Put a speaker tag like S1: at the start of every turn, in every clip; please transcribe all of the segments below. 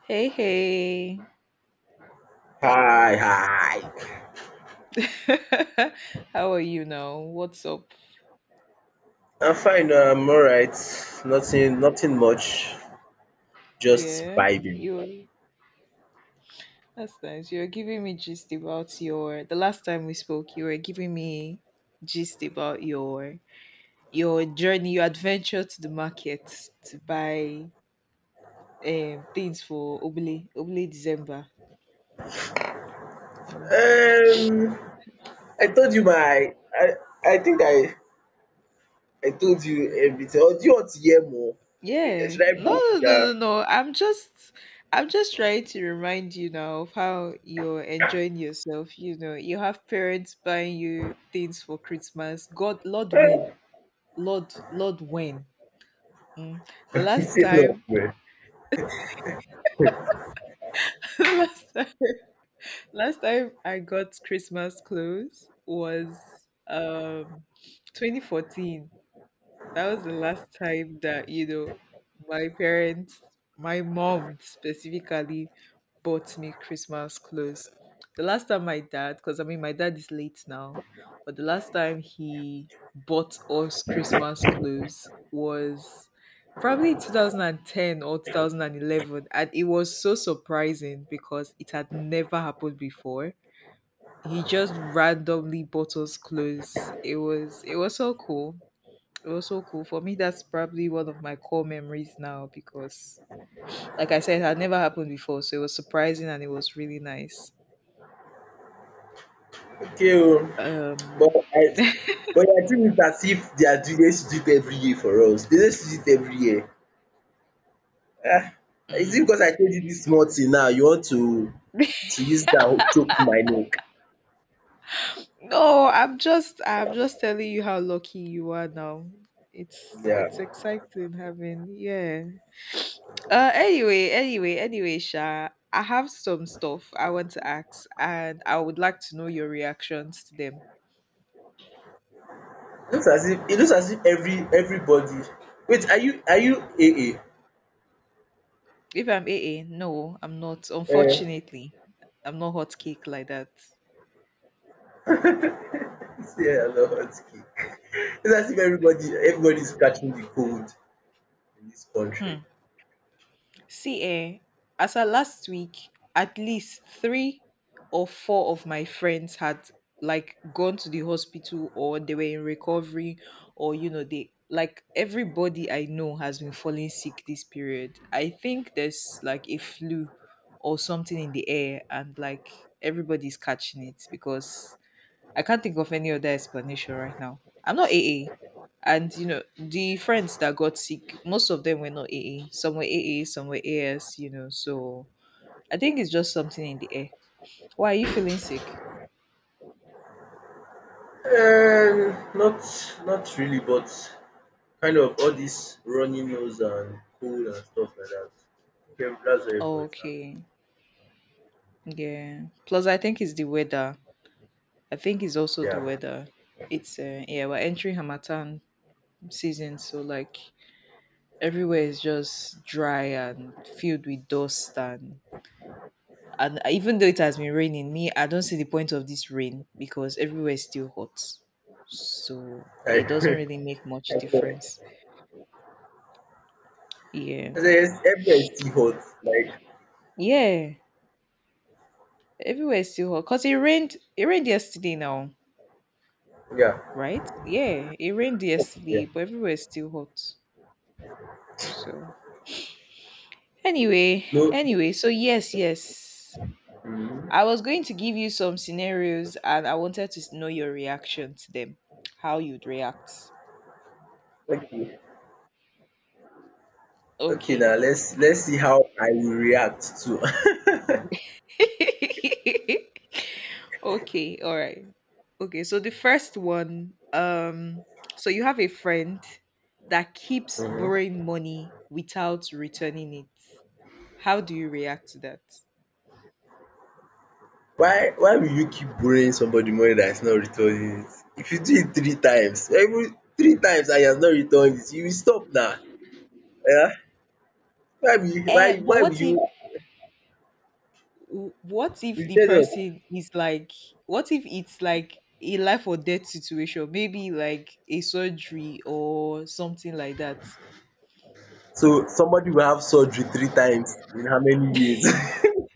S1: Hey, hey.
S2: Hi, hi.
S1: How are you now? What's up?
S2: I'm fine. I'm all right. Nothing much. Just
S1: Yeah,
S2: vibing.
S1: you're that's nice. You're giving me gist about your the last time we spoke, you were giving me gist about your journey, your adventure to the market to buy things for Obele Obele December.
S2: Um, I told you my. I think I told you everything. Or do you want to hear more?
S1: Yeah.
S2: Should I
S1: No,
S2: break
S1: no, no, no,
S2: it
S1: no. I'm just trying to remind you now of how you're enjoying yourself. You know, you have parents buying you things for Christmas. God, Lord, when?
S2: down?
S1: Lord, Lord, when? Mm. The last
S2: Say no,
S1: time,
S2: man.
S1: the last time, last time I got Christmas clothes was 2014. That was the last time that you know my parents, my mom specifically, bought me Christmas clothes. The last time my dad, because I mean my dad is late now, but the last time he bought us Christmas clothes was probably 2010 or 2011, and it was so surprising because it had never happened before. He just randomly bought us clothes. It was so cool. For me, that's probably one of my core memories now because, like I said, it had never happened before. So it was surprising and it was really nice.
S2: Okay, oh. but
S1: Um,
S2: I, but I think it's as if they are doing they should do it every year for us. They just do it every year. Ah, is it
S1: mm.
S2: because I told you this small thing now? You want to use that choke my neck?
S1: no, I'm just telling you how lucky you are now.
S2: Yeah.
S1: It's exciting having, yeah. Anyway, Sha, I have some stuff I want to ask, and I would like to know your reactions to them.
S2: It looks as if everybody wait, are you a
S1: If I'm a, no, I'm not.
S2: Eh,
S1: Unfortunately, I'm not hot cake like that.
S2: Yeah, I love hot cake. It's as if everybody's catching the cold in this
S1: Hmm.
S2: country.
S1: See, as at last week, at least three or four of my friends had like gone to the hospital or they were in recovery, or you know they, like, everybody I know has been falling sick this period. I think there's like a flu or something in the air and like everybody's catching it because I can't think of any other explanation right now. I'm not AA. And you know, the friends that got sick, most of them were not AA. Some were AA, some were AS, you know. So I think it's just something in the air. Why are you feeling sick?
S2: Not really, but kind of all this runny nose and cold and stuff like that. Okay, that's what
S1: Oh,
S2: everybody's having.
S1: okay. Yeah. Plus I think it's the weather. I think it's also the
S2: Yeah.
S1: weather. It's yeah, we're entering Hamatan season, so like everywhere is just dry and filled with dust and even though it has been raining, me, I don't see the point of this rain because everywhere is still hot. So
S2: I
S1: it doesn't really make much
S2: okay.
S1: difference. Yeah.
S2: I say yes, everywhere is still hot. Like,
S1: Yeah. Everywhere is still hot. Because it rained yesterday now,
S2: yeah,
S1: right? Yeah, it rained
S2: yeah.
S1: yesterday, but everywhere is still hot. So anyway,
S2: No.
S1: anyway, so yes.
S2: Mm,
S1: I was going to give you some scenarios and I wanted to know your reaction to them. How you'd react.
S2: okay. Okay,
S1: Okay.
S2: now let's see how I will react to.
S1: okay, all right. Okay, so the first one, so you have a friend that keeps borrowing money without returning it. How do you react to that?
S2: Why will you keep borrowing somebody money that is not returning it? If you do it three times, every three times and he has not returned it, you will stop now. Yeah? Why will you
S1: Eh,
S2: why
S1: but
S2: why will you
S1: what if
S2: you
S1: the
S2: tell us.
S1: person is like what if it's like a life or death situation, maybe like a surgery or something like that?
S2: So somebody will have surgery three times in how many years?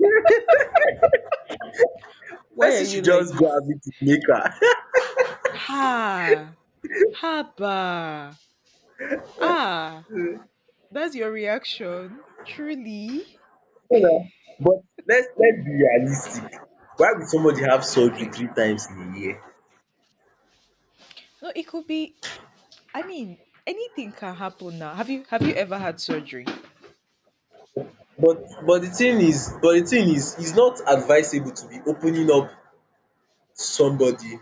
S2: The
S1: Why are
S2: person
S1: you
S2: should
S1: like
S2: just go have
S1: this?
S2: it with maker.
S1: Ha ha ba ah. That's your reaction. Truly.
S2: You know. But let's be realistic. Why will somebody have surgery
S1: Okay.
S2: three times in a year?
S1: No, it could be, I mean, anything can happen now. Have you ever had surgery
S2: But the thing is but the thing is it's not advisable to be opening up to somebody,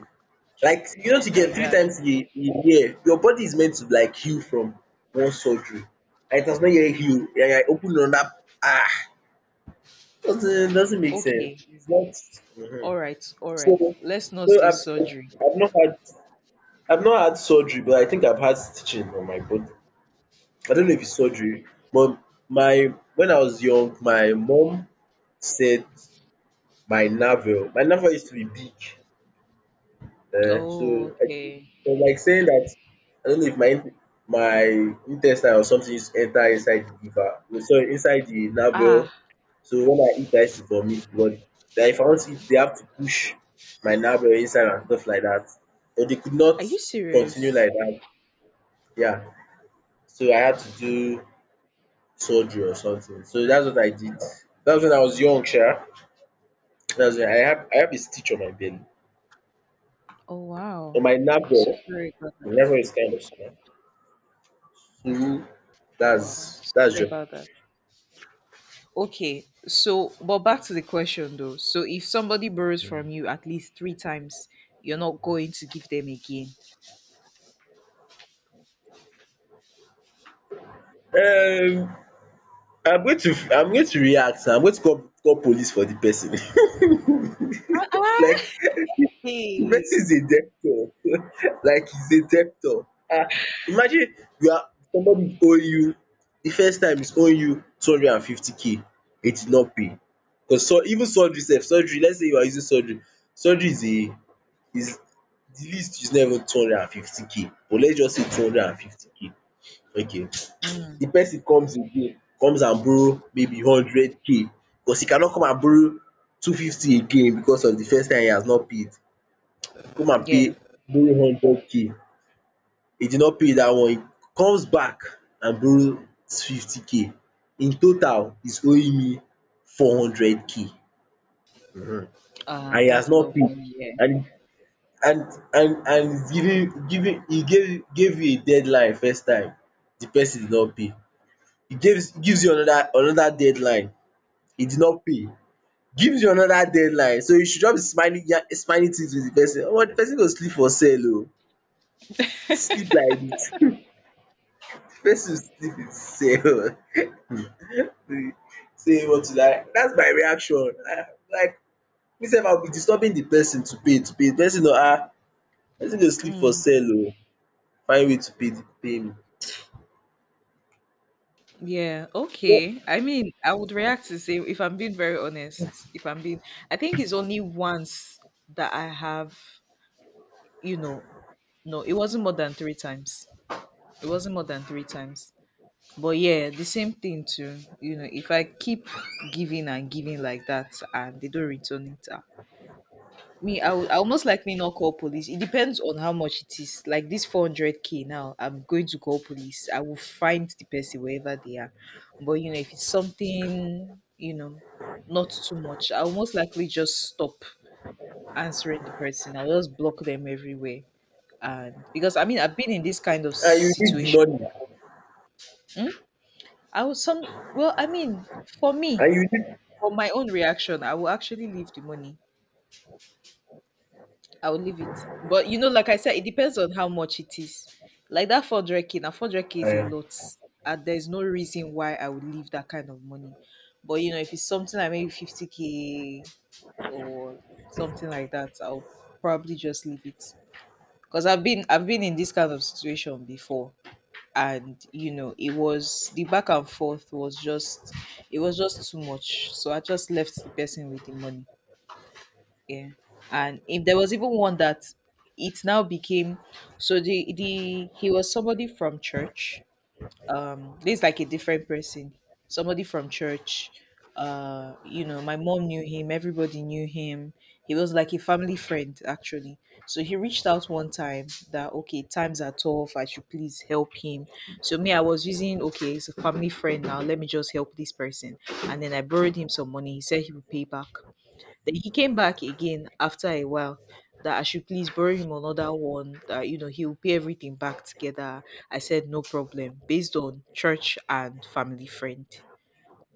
S2: like, to get
S1: like
S2: three
S1: that?
S2: times a year. Your body is meant to like heal from one surgery, and it has not yet heal, and you opening another. ah doesn't make sense.
S1: Okay.
S2: It's not.
S1: All right.
S2: so
S1: Let's not
S2: so
S1: say surgery.
S2: I've not had I've not had surgery, but I think I've had stitching on my body. I don't know if it's surgery, but my when I was young, my mom said my navel used to be big.
S1: Oh,
S2: So I think
S1: okay.
S2: it like saying that I don't know if my in my intestine or something used to enter inside the liver, no, sorry, inside the navel.
S1: Ah,
S2: So when I eat I used to vomit blood. Den if I want to eat they have to push my navel inside and stuff like that, but they could not
S1: are you
S2: continue
S1: serious?
S2: like that. Yeah. So I had to do surgery or something, so that's what I did. That was when I was young, sha. That's when I have a stitch on my belly,
S1: Oh
S2: on
S1: wow.
S2: my
S1: So
S2: navel.
S1: sorry about that.
S2: Never is kind of small. So
S1: Oh wow.
S2: that's
S1: So
S2: that's
S1: sorry
S2: just
S1: about that. Okay. So, but back to the question though. So if somebody borrows from you at least three times, you're not going to give them again.
S2: um I'm going to react. I'm going to call police for the person.
S1: Ah,
S2: Like, the
S1: hey.
S2: person is a debtor. Like, he's a debtor. Imagine you are somebody owe you. The first time is owe you 250 k. He did not pay. Cause so even surgery sef, surgery let's say you are using surgery is the least, is not even 250 k, but let's just say 250 k, okay.
S1: Mm,
S2: The person comes again, comes and borrow maybe hundred k, because he cannot come and borrow 250 again because of the first time. He has not paid, come and pay,
S1: yeah.
S2: borrow hundred k. He did not pay that one. He comes back and borrows 50 k. In total, he's owing me 400 k, and he has
S1: That's a
S2: not
S1: lot of
S2: paid.
S1: money. Yeah.
S2: And and and and he's giving giving he gave you a deadline first time. The person did not pay. He gives you another deadline. He did not pay, gives you another deadline. So you should just be smiling, ya smiling things with the person. Omo, the person go sleep for cell, oo, sleep like dis. Person sleep in cell. Sey e want to die. Dats my reaction. Like, me sef, I will be disturbing the person to pay, to pay, de person no, ah. Person go sleep for
S1: Mm,
S2: cell, oo, find way to pay the pay me.
S1: yeah. Okay. I mean, I would react the same if I'm being very honest. If I'm being, I think it's only once that I have, you know, no, it wasn't more than three times. It wasn't more than three times. But yeah, the same thing too. You know, if I keep giving and giving like that and they don't return it, ah, me, I almost likely not call police. It depends on how much it is. Like this 400k now, I'm going to call police. I will find the person wherever they are. But you know, if it's something, you know, not too much, I will most likely just stop answering the person. I'll just block them everywhere. And because I mean, I've been in this kind of
S2: And you need the
S1: situation
S2: money.
S1: before. Hmm? Well, I mean, for me,
S2: And you need
S1: for my own reaction, I will actually leave the money. I'll leave it. But you know, like I said, it depends on how much it is. Like that 400k, now 400k is a
S2: um
S1: lot, and there's no reason why I would leave that kind of money. But you know, if it's something like maybe 50k or something like that, I'll probably just leave it. Because I've been in this kind of situation before, and you know, it was the back and forth was just it was just too much. So I just left the person with the money. Yeah. And if there was even one that it now became, so the he was somebody from church. Um, this is like a different person. Somebody from church. Uh, you know, my mom knew him, everybody knew him. He was like a family friend actually. So he reached out one time that okay, times are tough, I should please help him. So me, I was using okay, he's a family friend now, let me just help this person. And then I borrowed him some money. He said he would pay back. Then he came back again after a while that I should please borrow him another one, that you know, he'll pay everything back together. I said no problem, based on church and family friend.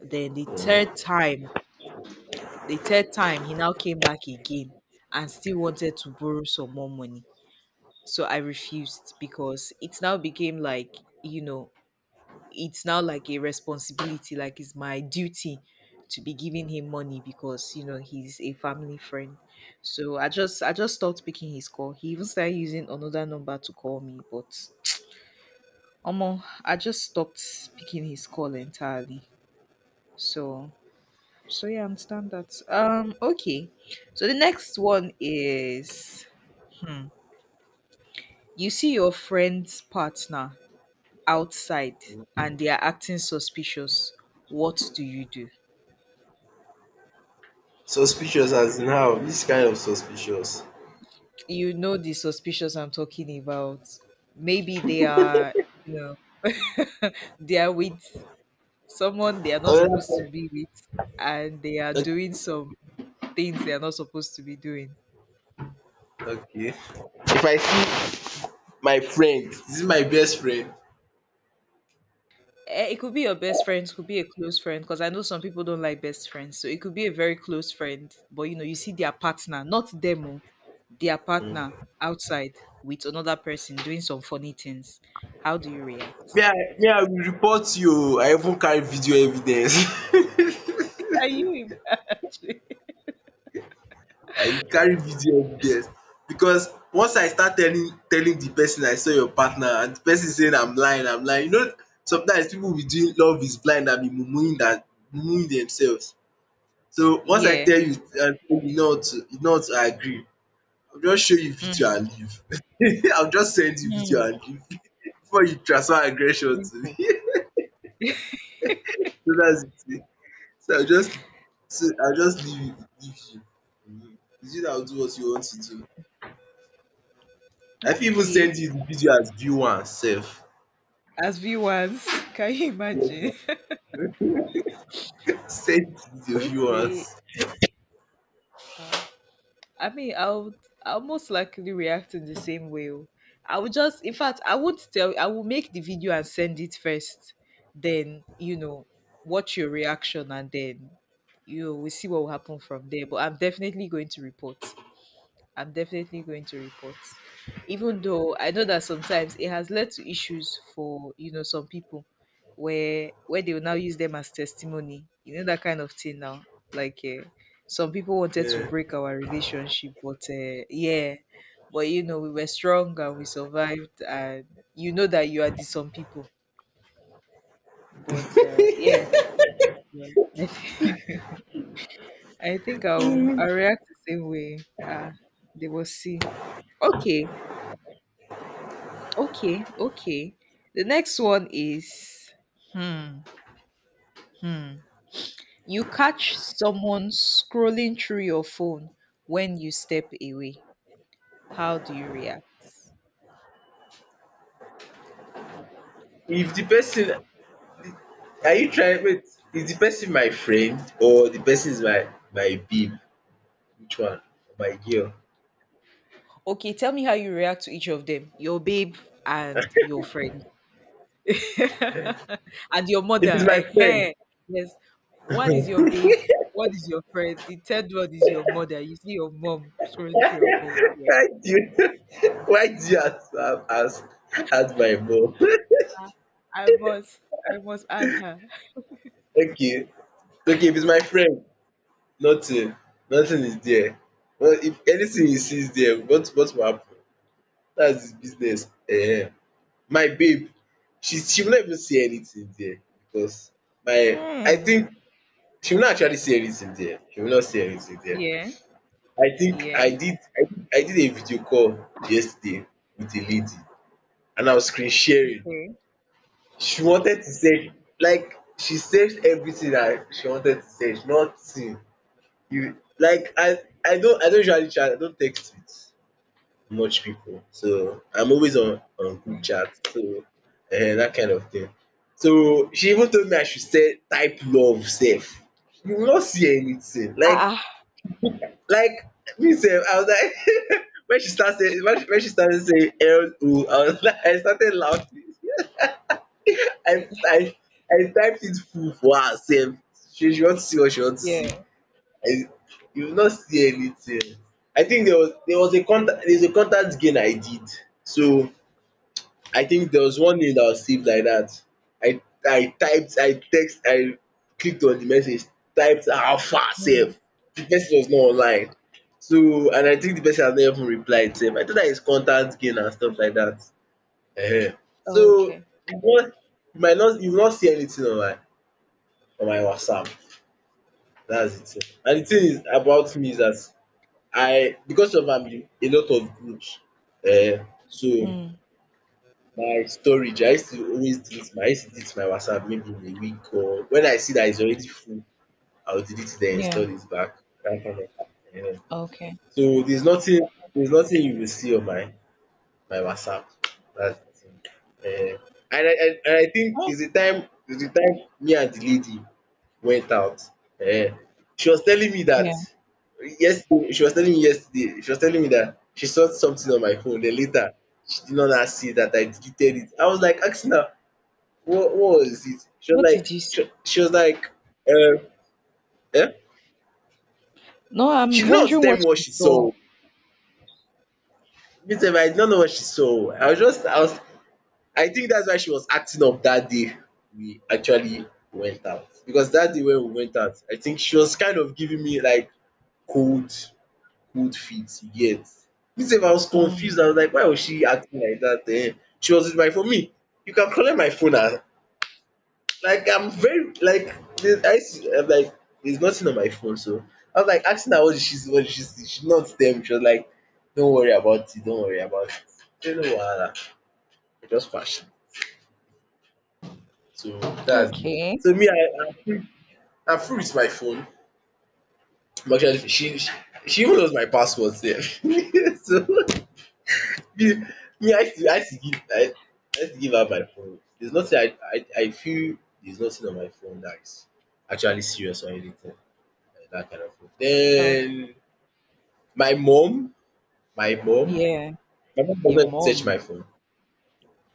S1: Then the third time he now came back again and still wanted to borrow some more money. So I refused because it now became like, you know, it's now like a responsibility, like it's my duty to be giving him money because you know he's a family friend. So I just stopped picking his call. He even started using another number to call me, but Omo, I just stopped picking his call entirely. So so yeah, I understand that. Um, okay. So the next one is you see your friend's partner outside and they are acting suspicious. What do you do?
S2: Suspicious as in how? Which kind of suspicious?
S1: You know the suspicious I'm talking about. Maybe they are, you know, they are with someone they are not
S2: Another
S1: supposed to
S2: thing.
S1: be with, and they are doing some things they are not supposed to be doing.
S2: Okay. If I see my friend, dis my best friend.
S1: Eh, it could be your best friend, it could be a close friend, because I know some people don't like best friends. So it could be a very close friend, but you know, you see their partner, not them, oh, their partner
S2: Mm.
S1: outside with another person doing some funny things. How do you react?
S2: Me, I will report you, o. I even carry video evidence.
S1: Are you, imagine?
S2: I carry video evidence, because once I start telling the person I saw your partner, and the person say I'm lying, I'm lying, you know, sometimes pipu be doing love is blind abi muumuing dat, muumuing themselves. So once I
S1: Yeah.
S2: tell you and you no want to agree, I will just show you video
S1: Mm.
S2: and leave. I will just send you video
S1: Hmm.
S2: and leave. Before you transfer aggression to me.
S1: Simple.
S2: So that's it. So I will just so I will just leave you. It's you dat will do what you want to do. I fit even send
S1: Okay.
S2: you the video as view one sef.
S1: As viewers, can you imagine?
S2: Send the view
S1: okay.
S2: ones.
S1: I mean, I'll most likely react in the same way. Oh. I would just, in fact, I will make the video and send it first. Then, you know, watch your reaction and then, you know, we see what will happen from there. But I'm definitely going to report. I'm definitely going to report. Even though I know that sometimes it has led to issues for, you know, some people where they will now use them as testimony. You know that kind of thing now. Like some people wanted to
S2: Yeah.
S1: break our relationship, but yeah, but you know, we were strong and we survived and you know that you are the some people. But yeah. I think I'll react the same way. Uh, they will see. Okay. Okay, okay. The next one is hmm, hmm. You catch someone scrolling through your phone when you step away. How do you react?
S2: If the person are you trying wait is the person my friend, or the person is my babe? Which one? My girl?
S1: Okay, tell me how you react to each of them. Your babe and your friend. and your
S2: If it's
S1: mother.
S2: my friend.
S1: Ehen. Yes. One is your babe, one is your friend, the third one is your mother. You see your mom scrolling through your phone. Yeah.
S2: Why do you, why do you as, as my mom?
S1: I I must I must add her.
S2: Okay. Okay, if it's my friend, nothing. Nothing is there. Well, if anything he sees there, what will happen? That's his business. My babe, she will not even see anything there, because my. I
S1: Hmm.
S2: think she will not actually see anything there. She will not see anything there.
S1: Yeah.
S2: I think
S1: Yeah.
S2: I did, I did a video call yesterday with a lady, and I was screen sharing.
S1: Okay.
S2: She wanted to say, like, she said everything that she wanted to search, nothing. You like, I don't usually chat, I don't text with much people. So I'm always on group
S1: Okay.
S2: chat, so. That kind of thing. So she even told me I should se type love safe. You will not see anything.
S1: Ah,
S2: Like
S1: ah.
S2: like me sef, I was like, when she started, saying when she started saying L O, I was like, I started laughing. I I I typed it full for her sef. She want to see what she want to see.
S1: Yeah.
S2: I you will not see anything. I think there was a contact there's a contact gain I did. So I think there was one name that was saved like that. I I typed, I text, I clicked on the message, typed alpha
S1: Mm.
S2: sef. The person was not online. So, and I think the person has not even replied sef. I thought that is contact gain and stuff like that. Ehen.
S1: Oh,
S2: So,
S1: okay.
S2: you wan you might not you will not see anything on my WhatsApp. That's the thing. And the thing is about me is that I'm in a lot of groups, so
S1: Mm.
S2: my storage, I used to delete my WhatsApp maybe in a week, or when I see that it's already full, I will delete it then install
S1: Yeah.
S2: it back. Dat kind of.
S1: Okay.
S2: So there's nothing you will see on my by WhatsApp. That's the thing. Eh, and I think
S1: Oh,
S2: it's the time me and the lady went out. Eh, she was telling me that
S1: yeah.
S2: yesterday. She was telling me yesterday she was telling me that she saw something on my phone, then later she did not now see that I deleted it. I was like asking her what was it? She was
S1: What did
S2: like,
S1: you see?
S2: she was like um eh?
S1: No, I'm
S2: She did not
S1: wondering
S2: tell
S1: what
S2: me what
S1: you
S2: she
S1: saw.
S2: saw. Me sef, I did not know what she saw. I was just. I think that's why she was acting up that day we actually went out. Because that day when we went out, I think she was kind of giving me like cold cold feet, you get. Me sef, I was confused. I
S1: Mm.
S2: was like, why was she acting like that? Then she was with my phone, me, you can collect my phone, and like, I'm very like, I used am like there's nothing on my phone. So I was like asking her, what did she see, what did she see, she not them? She was like, don't worry about it, don't worry about it. I say no wahala, I just pass. So that's it.
S1: Okay.
S2: So me, I'm free. I'm free with my phone. I'm actually, she even knows my password there. So me, me, I used to give her my phone. There's nothing I feel there's nothing on my phone that is actually serious or anything like that kind of thing.
S1: Okay.
S2: Then my mom, my mom,
S1: Yeah.
S2: my mom
S1: Your
S2: doesn't touch
S1: mom.
S2: my phone.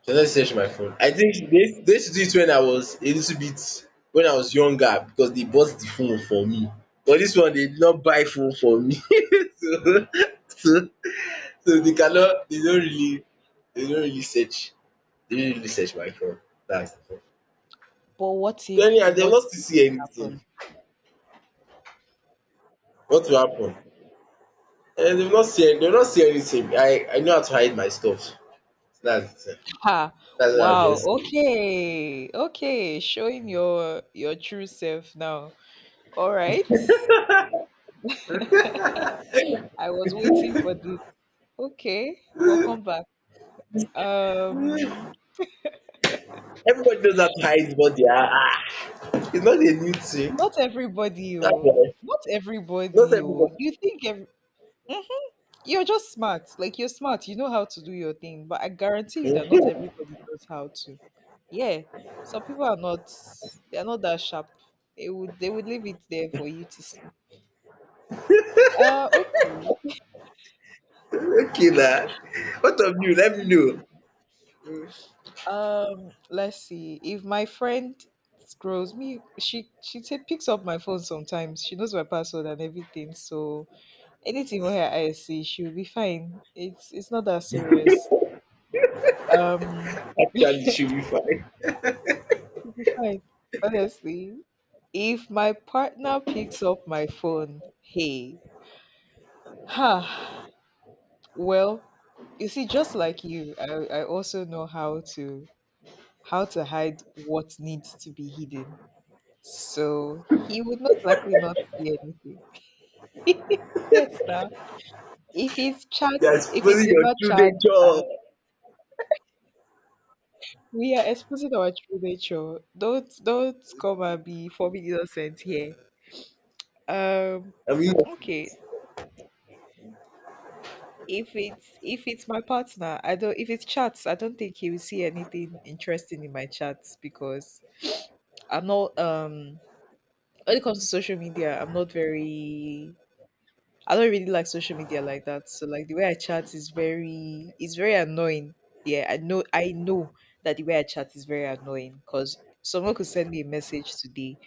S2: So let's search my phone. I think they used do it when I was a little bit when I was younger because they bought the phone for me. But this one they did not buy phone for me. so, so so they cannot they don't really search they don't really search my phone. That's the thing.
S1: But
S2: So anyhow, they've
S1: what
S2: not still
S1: if
S2: see
S1: it
S2: anything.
S1: happened?
S2: What will happen? And they've not see anything. I know how to hide my stuff. So that's the thing.
S1: Ha.
S2: That's what I'll
S1: Wow.
S2: just say.
S1: Okay. Okay. Showing your true self now. All right. I was waiting for this. Okay. Welcome back. Um,
S2: Everybody knows how to hide what they are. Ah, it's not a new thing.
S1: not everybody,
S2: That's
S1: oh.
S2: why.
S1: Not
S2: Not
S1: everybody, oh.
S2: everybody.
S1: You think ev- mhm. You're just smart. Like you're smart. You know how to do your thing. But I guarantee you that not everybody knows how to. Yeah. Some people are not. They are not that sharp. They would leave it there for you to see. Okay.
S2: Okay, now. What of you? Let me know.
S1: Let's see. If my friend scrolls me, picks up my phone sometimes. She knows my password and everything. So anything where I see, she'll be fine. It's not that serious. Um,
S2: Actually, she'll be fine.
S1: she'll be fine. Honestly, if my partner picks up my phone, hey, ha, well, you see, just like you, I also know how to hide what needs to be hidden. So he would most likely not see anything. Yes, now, if it's chat,
S2: You're
S1: if it's
S2: exposing your
S1: about
S2: true
S1: chat, uh,
S2: nature.
S1: we are exposing our true nature. Don't come and be forming innocent here. Um
S2: I mean,
S1: okay. If it's my partner, I don't if it's chats, I don't think he will see anything interesting in my chats, because I'm not when it comes to social media, I'm not very I don't really like social media like that. So like the way I chat is very it's very annoying. Yeah, I know that the way I chat is very annoying, because someone could send me a message today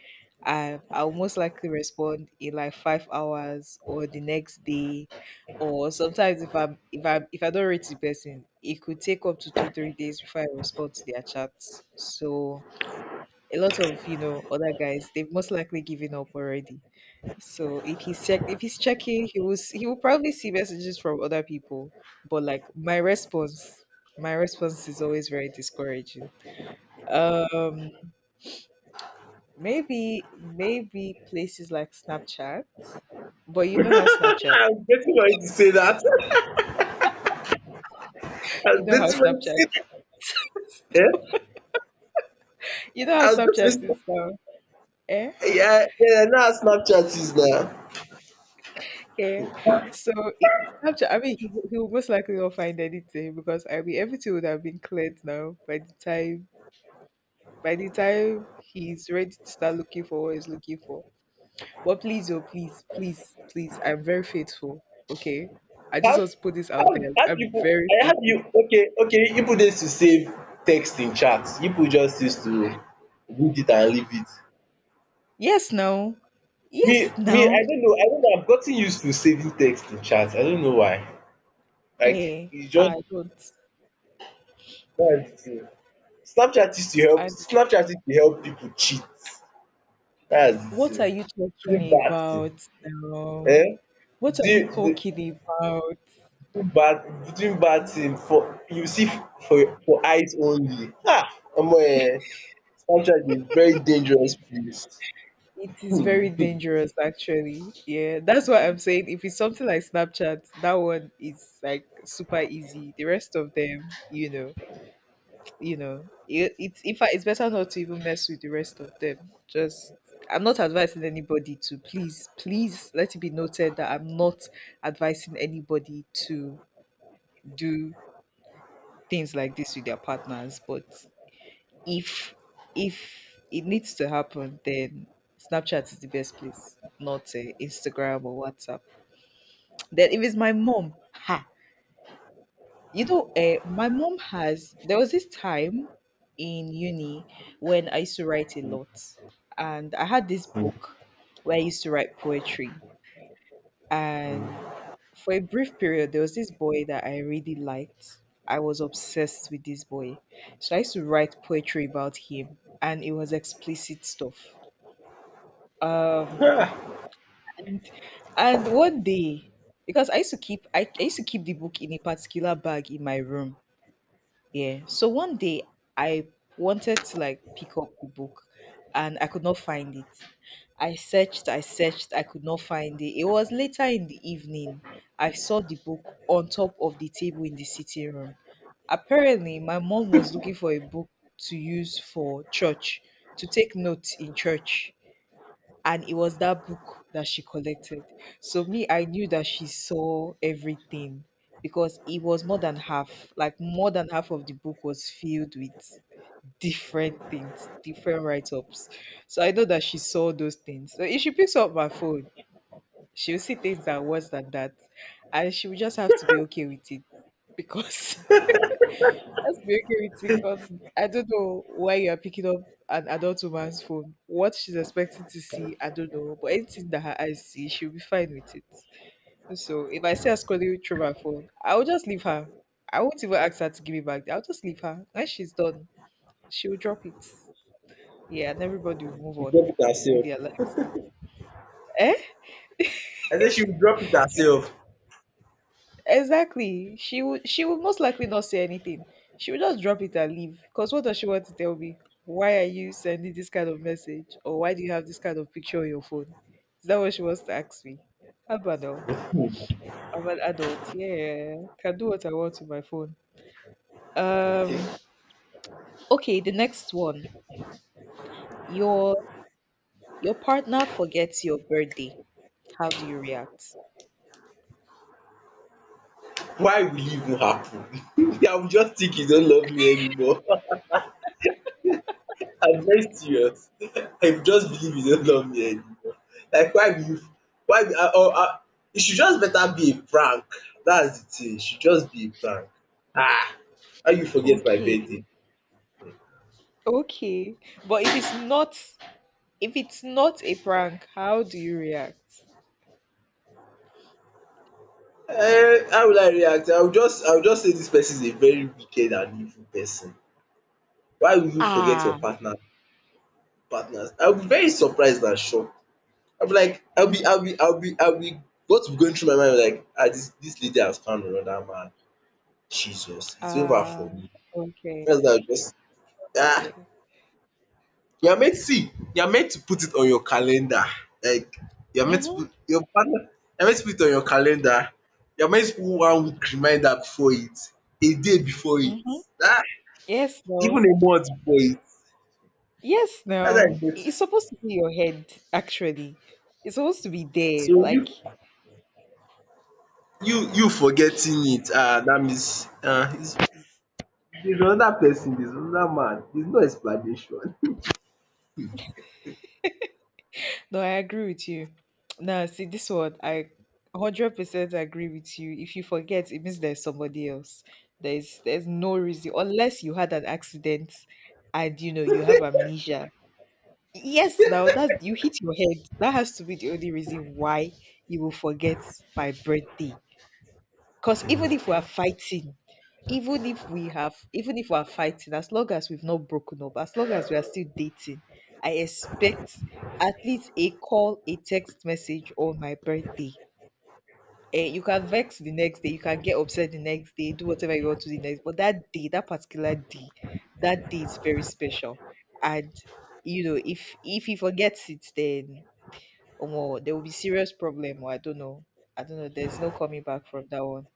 S1: and I'll most likely respond in like 5 hours or the next day. Or sometimes if I don't rate the person, it could take up to two, 3 days before I respond to their chats. So a lot of, other guys, they've most likely given up already. So if he's checking, he will probably see messages from other people. But like my response is always very discouraging. Um, maybe places like Snapchat. But you know how Snapchat,
S2: I was waiting for you to say that. I was
S1: you know
S2: waiting
S1: how
S2: for you to
S1: Snapchat,
S2: say that. Yeah?
S1: you know how
S2: I was
S1: Snapchat
S2: just
S1: is
S2: waiting.
S1: now. Eh?
S2: Yeah, yeah, now Snapchat is now.
S1: Okay. So if Snapchat, I mean, he will most likely not find anything, because I mean everything would have been cleared now by the time he's ready to start looking for what he's looking for. But please, oh, please, please, please, I'm very faithful. Okay. I just
S2: How,
S1: want to put this out there.
S2: how do
S1: I'm
S2: you put,
S1: very
S2: I have you,
S1: faithful.
S2: okay, you put this to save text in chat. You put just used to read it and leave it.
S1: Yes, now. Yes,
S2: Me,
S1: now.
S2: I don't know I've gotten used to saving text in chat. I don't know why. Like
S1: Yeah.
S2: it's just
S1: I don't.
S2: that's the
S1: I don't.
S2: Snapchat is to help people cheat. That's
S1: What are
S2: the
S1: you
S2: thing.
S1: talking
S2: Bad thing.
S1: about now?
S2: Eh?
S1: What are you
S2: Do do
S1: talking about?
S2: do bad thing for you see for eyes only. Ah, Omo, um Snapchat is very dangerous place.
S1: It is very
S2: She
S1: dangerous, actually. Yeah, that's what I'm saying. If it's something like Snapchat, that one is like super easy. The rest of them, it's in fact it's better not to even mess with the rest of them. Just I'm not advising anybody to please, please let it be noted that I'm not advising anybody to do things like this with their partners. But if if it needs to happen, then Snapchat is the best place, not Instagram or WhatsApp. Then if it's my mom, ha, you know, my mom has there was this time in uni when I used to write a lot, and I had this book where I used to write poetry. And for a brief period, there was this boy that I really liked. I was obsessed with this boy. So I used to write poetry about him, and it was explicit stuff. Um, and and one day, because I used to keep the book in a particular bag in my room. Yeah. So one day I wanted to like pick up the book, and I could not find it. I searched, I searched, I could not find it. It was later in the evening. I saw the book on top of the table in the sitting room. Apparently, my mom was looking for a book to use for church, to take notes in church, and it was that book that she collected. So me, I knew that she saw everything, because it was more than half. Like more than half of the book was filled with different things, different write-ups. So I know that she saw those things. So if she picks up my phone, she'll see things that are worse than that. And she will just have to be okay with it. Because let's be okay with it, because I don't know why you are picking up an adult woman's phone. What she's expecting to see, I don't know. But anything that her eyes see, she'll be fine with it. So if I see her scrolling through my phone, I'll just leave her. I won't even ask her to give me back. I'll just leave her. When she's done, she'll drop it. Yeah, and everybody will move on
S2: drop it
S1: with
S2: herself.
S1: their lives. Eh?
S2: I say she will drop it herself.
S1: Exactly. She would most likely not say anything. She would just drop it and leave. Because what does she want to tell me? Why are you sending this kind of message? Or why do you have this kind of picture on your phone? Is that what she wants to ask me? How about now?
S2: um
S1: I'm an adult. Yeah. Can do what I want with my phone. Um
S2: Okay.
S1: okay, the next one. Your your partner forgets your birthday. How do you react?
S2: Why will it even happen? I will just think you don't love me anymore. I'm very serious. I will just believe you don't love me anymore. Like why will you why will I or I it should just better be a prank. Dats the thing. It should just be a prank. Ah! How you forget my
S1: Okay.
S2: birthday?
S1: Okay. But if it's not a prank, how do you react?
S2: How will I react? I will just say this person is a very wicked and evil person. Why will you forget your
S1: Ah.
S2: partners? I will be very surprised and shocked. I'll be like, I'll be I'll be I'll be I'll be what's going through my mind like ah this lady has found another man, Jesus it's over
S1: Ah,
S2: for me.
S1: okay,
S2: That's that I just ah
S1: okay.
S2: you are meant see you are meant to put it on your calendar like you are meant to
S1: Mhm,
S2: put your partner you are meant to put it on your calendar, you are meant to put 1 week reminder before it, a day before it,
S1: mhm.
S2: ah
S1: Yes,
S2: even
S1: no.
S2: a month before it.
S1: Yes,
S2: That's how e
S1: no.
S2: get.
S1: It's supposed to be your head, actually. It's supposed to be there.
S2: So
S1: Like, mhm.
S2: you forgetting it ah that means ah is if another person is another man, there's no explanation.
S1: No, I agree with you. No, see, this one, I 100% agree with you. If you forget, it means there's somebody else. There's no reason, unless you had an accident and, you know, you have amnesia. Yes, now that you hit your head, that has to be the only reason why you will forget my birthday. Because even if we are fighting, even if we are fighting, as long as we've not broken up, as long as we are still dating, I expect at least a call, a text message on my birthday. Eh, you can vex the next day, you can get upset the next day, do whatever you want to the next. But that day, that particular day, that day is very special. And if he forgets it, then omo, there will be serious problem. Or I don't know. I don't know. There's no coming back from that one.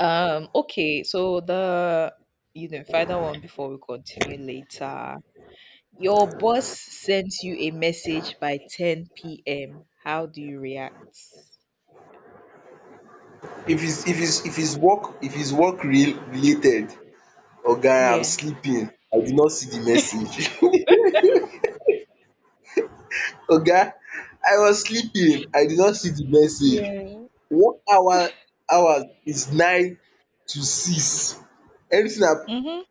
S1: Okay. So the final one before we continue later. Your boss sends you a message by 10 p.m. How do you react?
S2: If it's work re related, oga I'm
S1: Yeah.
S2: sleeping, I did not see the message. Oga I was sleeping, I did not see the message.
S1: Yeah.
S2: Work hour hours is 9 to 6. Anything ap
S1: Mm-hmm.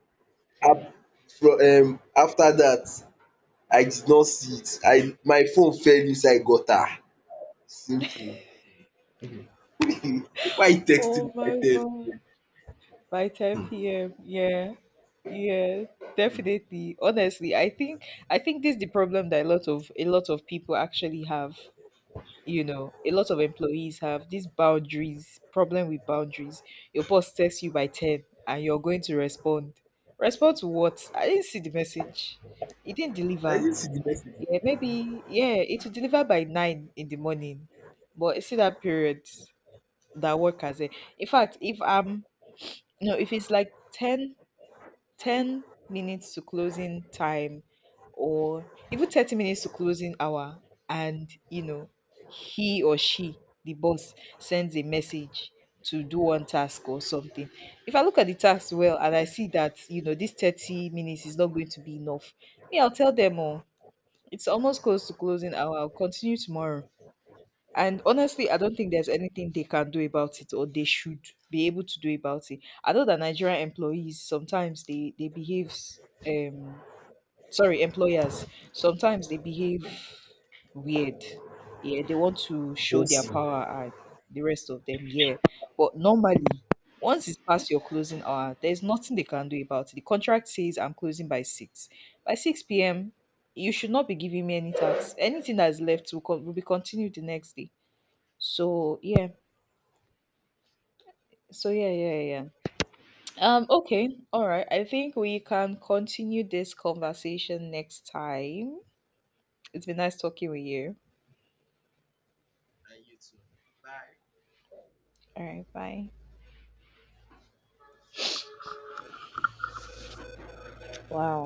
S2: ap from after that, I did not see it. I my phone fell inside gutter. Simple. Why you texting
S1: Oh
S2: me
S1: my
S2: like that?
S1: God. By 10 p.m. Yeah. Yeah. Definitely. Honestly, I think this is the problem that a lot of people actually have. A lot of employees have these boundaries, problem with boundaries. Your boss texts you by 10, and you're going to respond. Respond to what? I didn't see the message. It didn't
S2: I
S1: deliver.
S2: didn't see the message.
S1: Yeah, maybe yeah, it will deliver by 9 in the morning. But it's in that period that work has a in fact if I'm no, if it's like 10 minutes to closing time, or even 30 minutes to closing hour, and you know, he or she, the boss, sends a message to do one task or something. If I look at the task well and I see that, you know, this 30 minutes is not going to be enough, me, I'll tell them, oh, it's almost close to closing hour. I'll continue tomorrow. And honestly, I don't think there's anything they can do about it, or they should be able to do about it. I know that Nigerian employees sometimes they behave um sorry, employers sometimes they behave weird. Yeah, they want to show their
S2: Yes.
S1: power and the rest of them, yeah. But normally, once it's past your closing hour, there's nothing they can do about it. The contract says I'm closing by 6. By 6 p.m., you should not be giving me any tax. Anything that's left will, will be continued the next day. So yeah, yeah, yeah. Okay, all right. I think we can continue this conversation next time. It's been nice talking with you.
S2: And you too. Bye.
S1: All right, bye. Wow.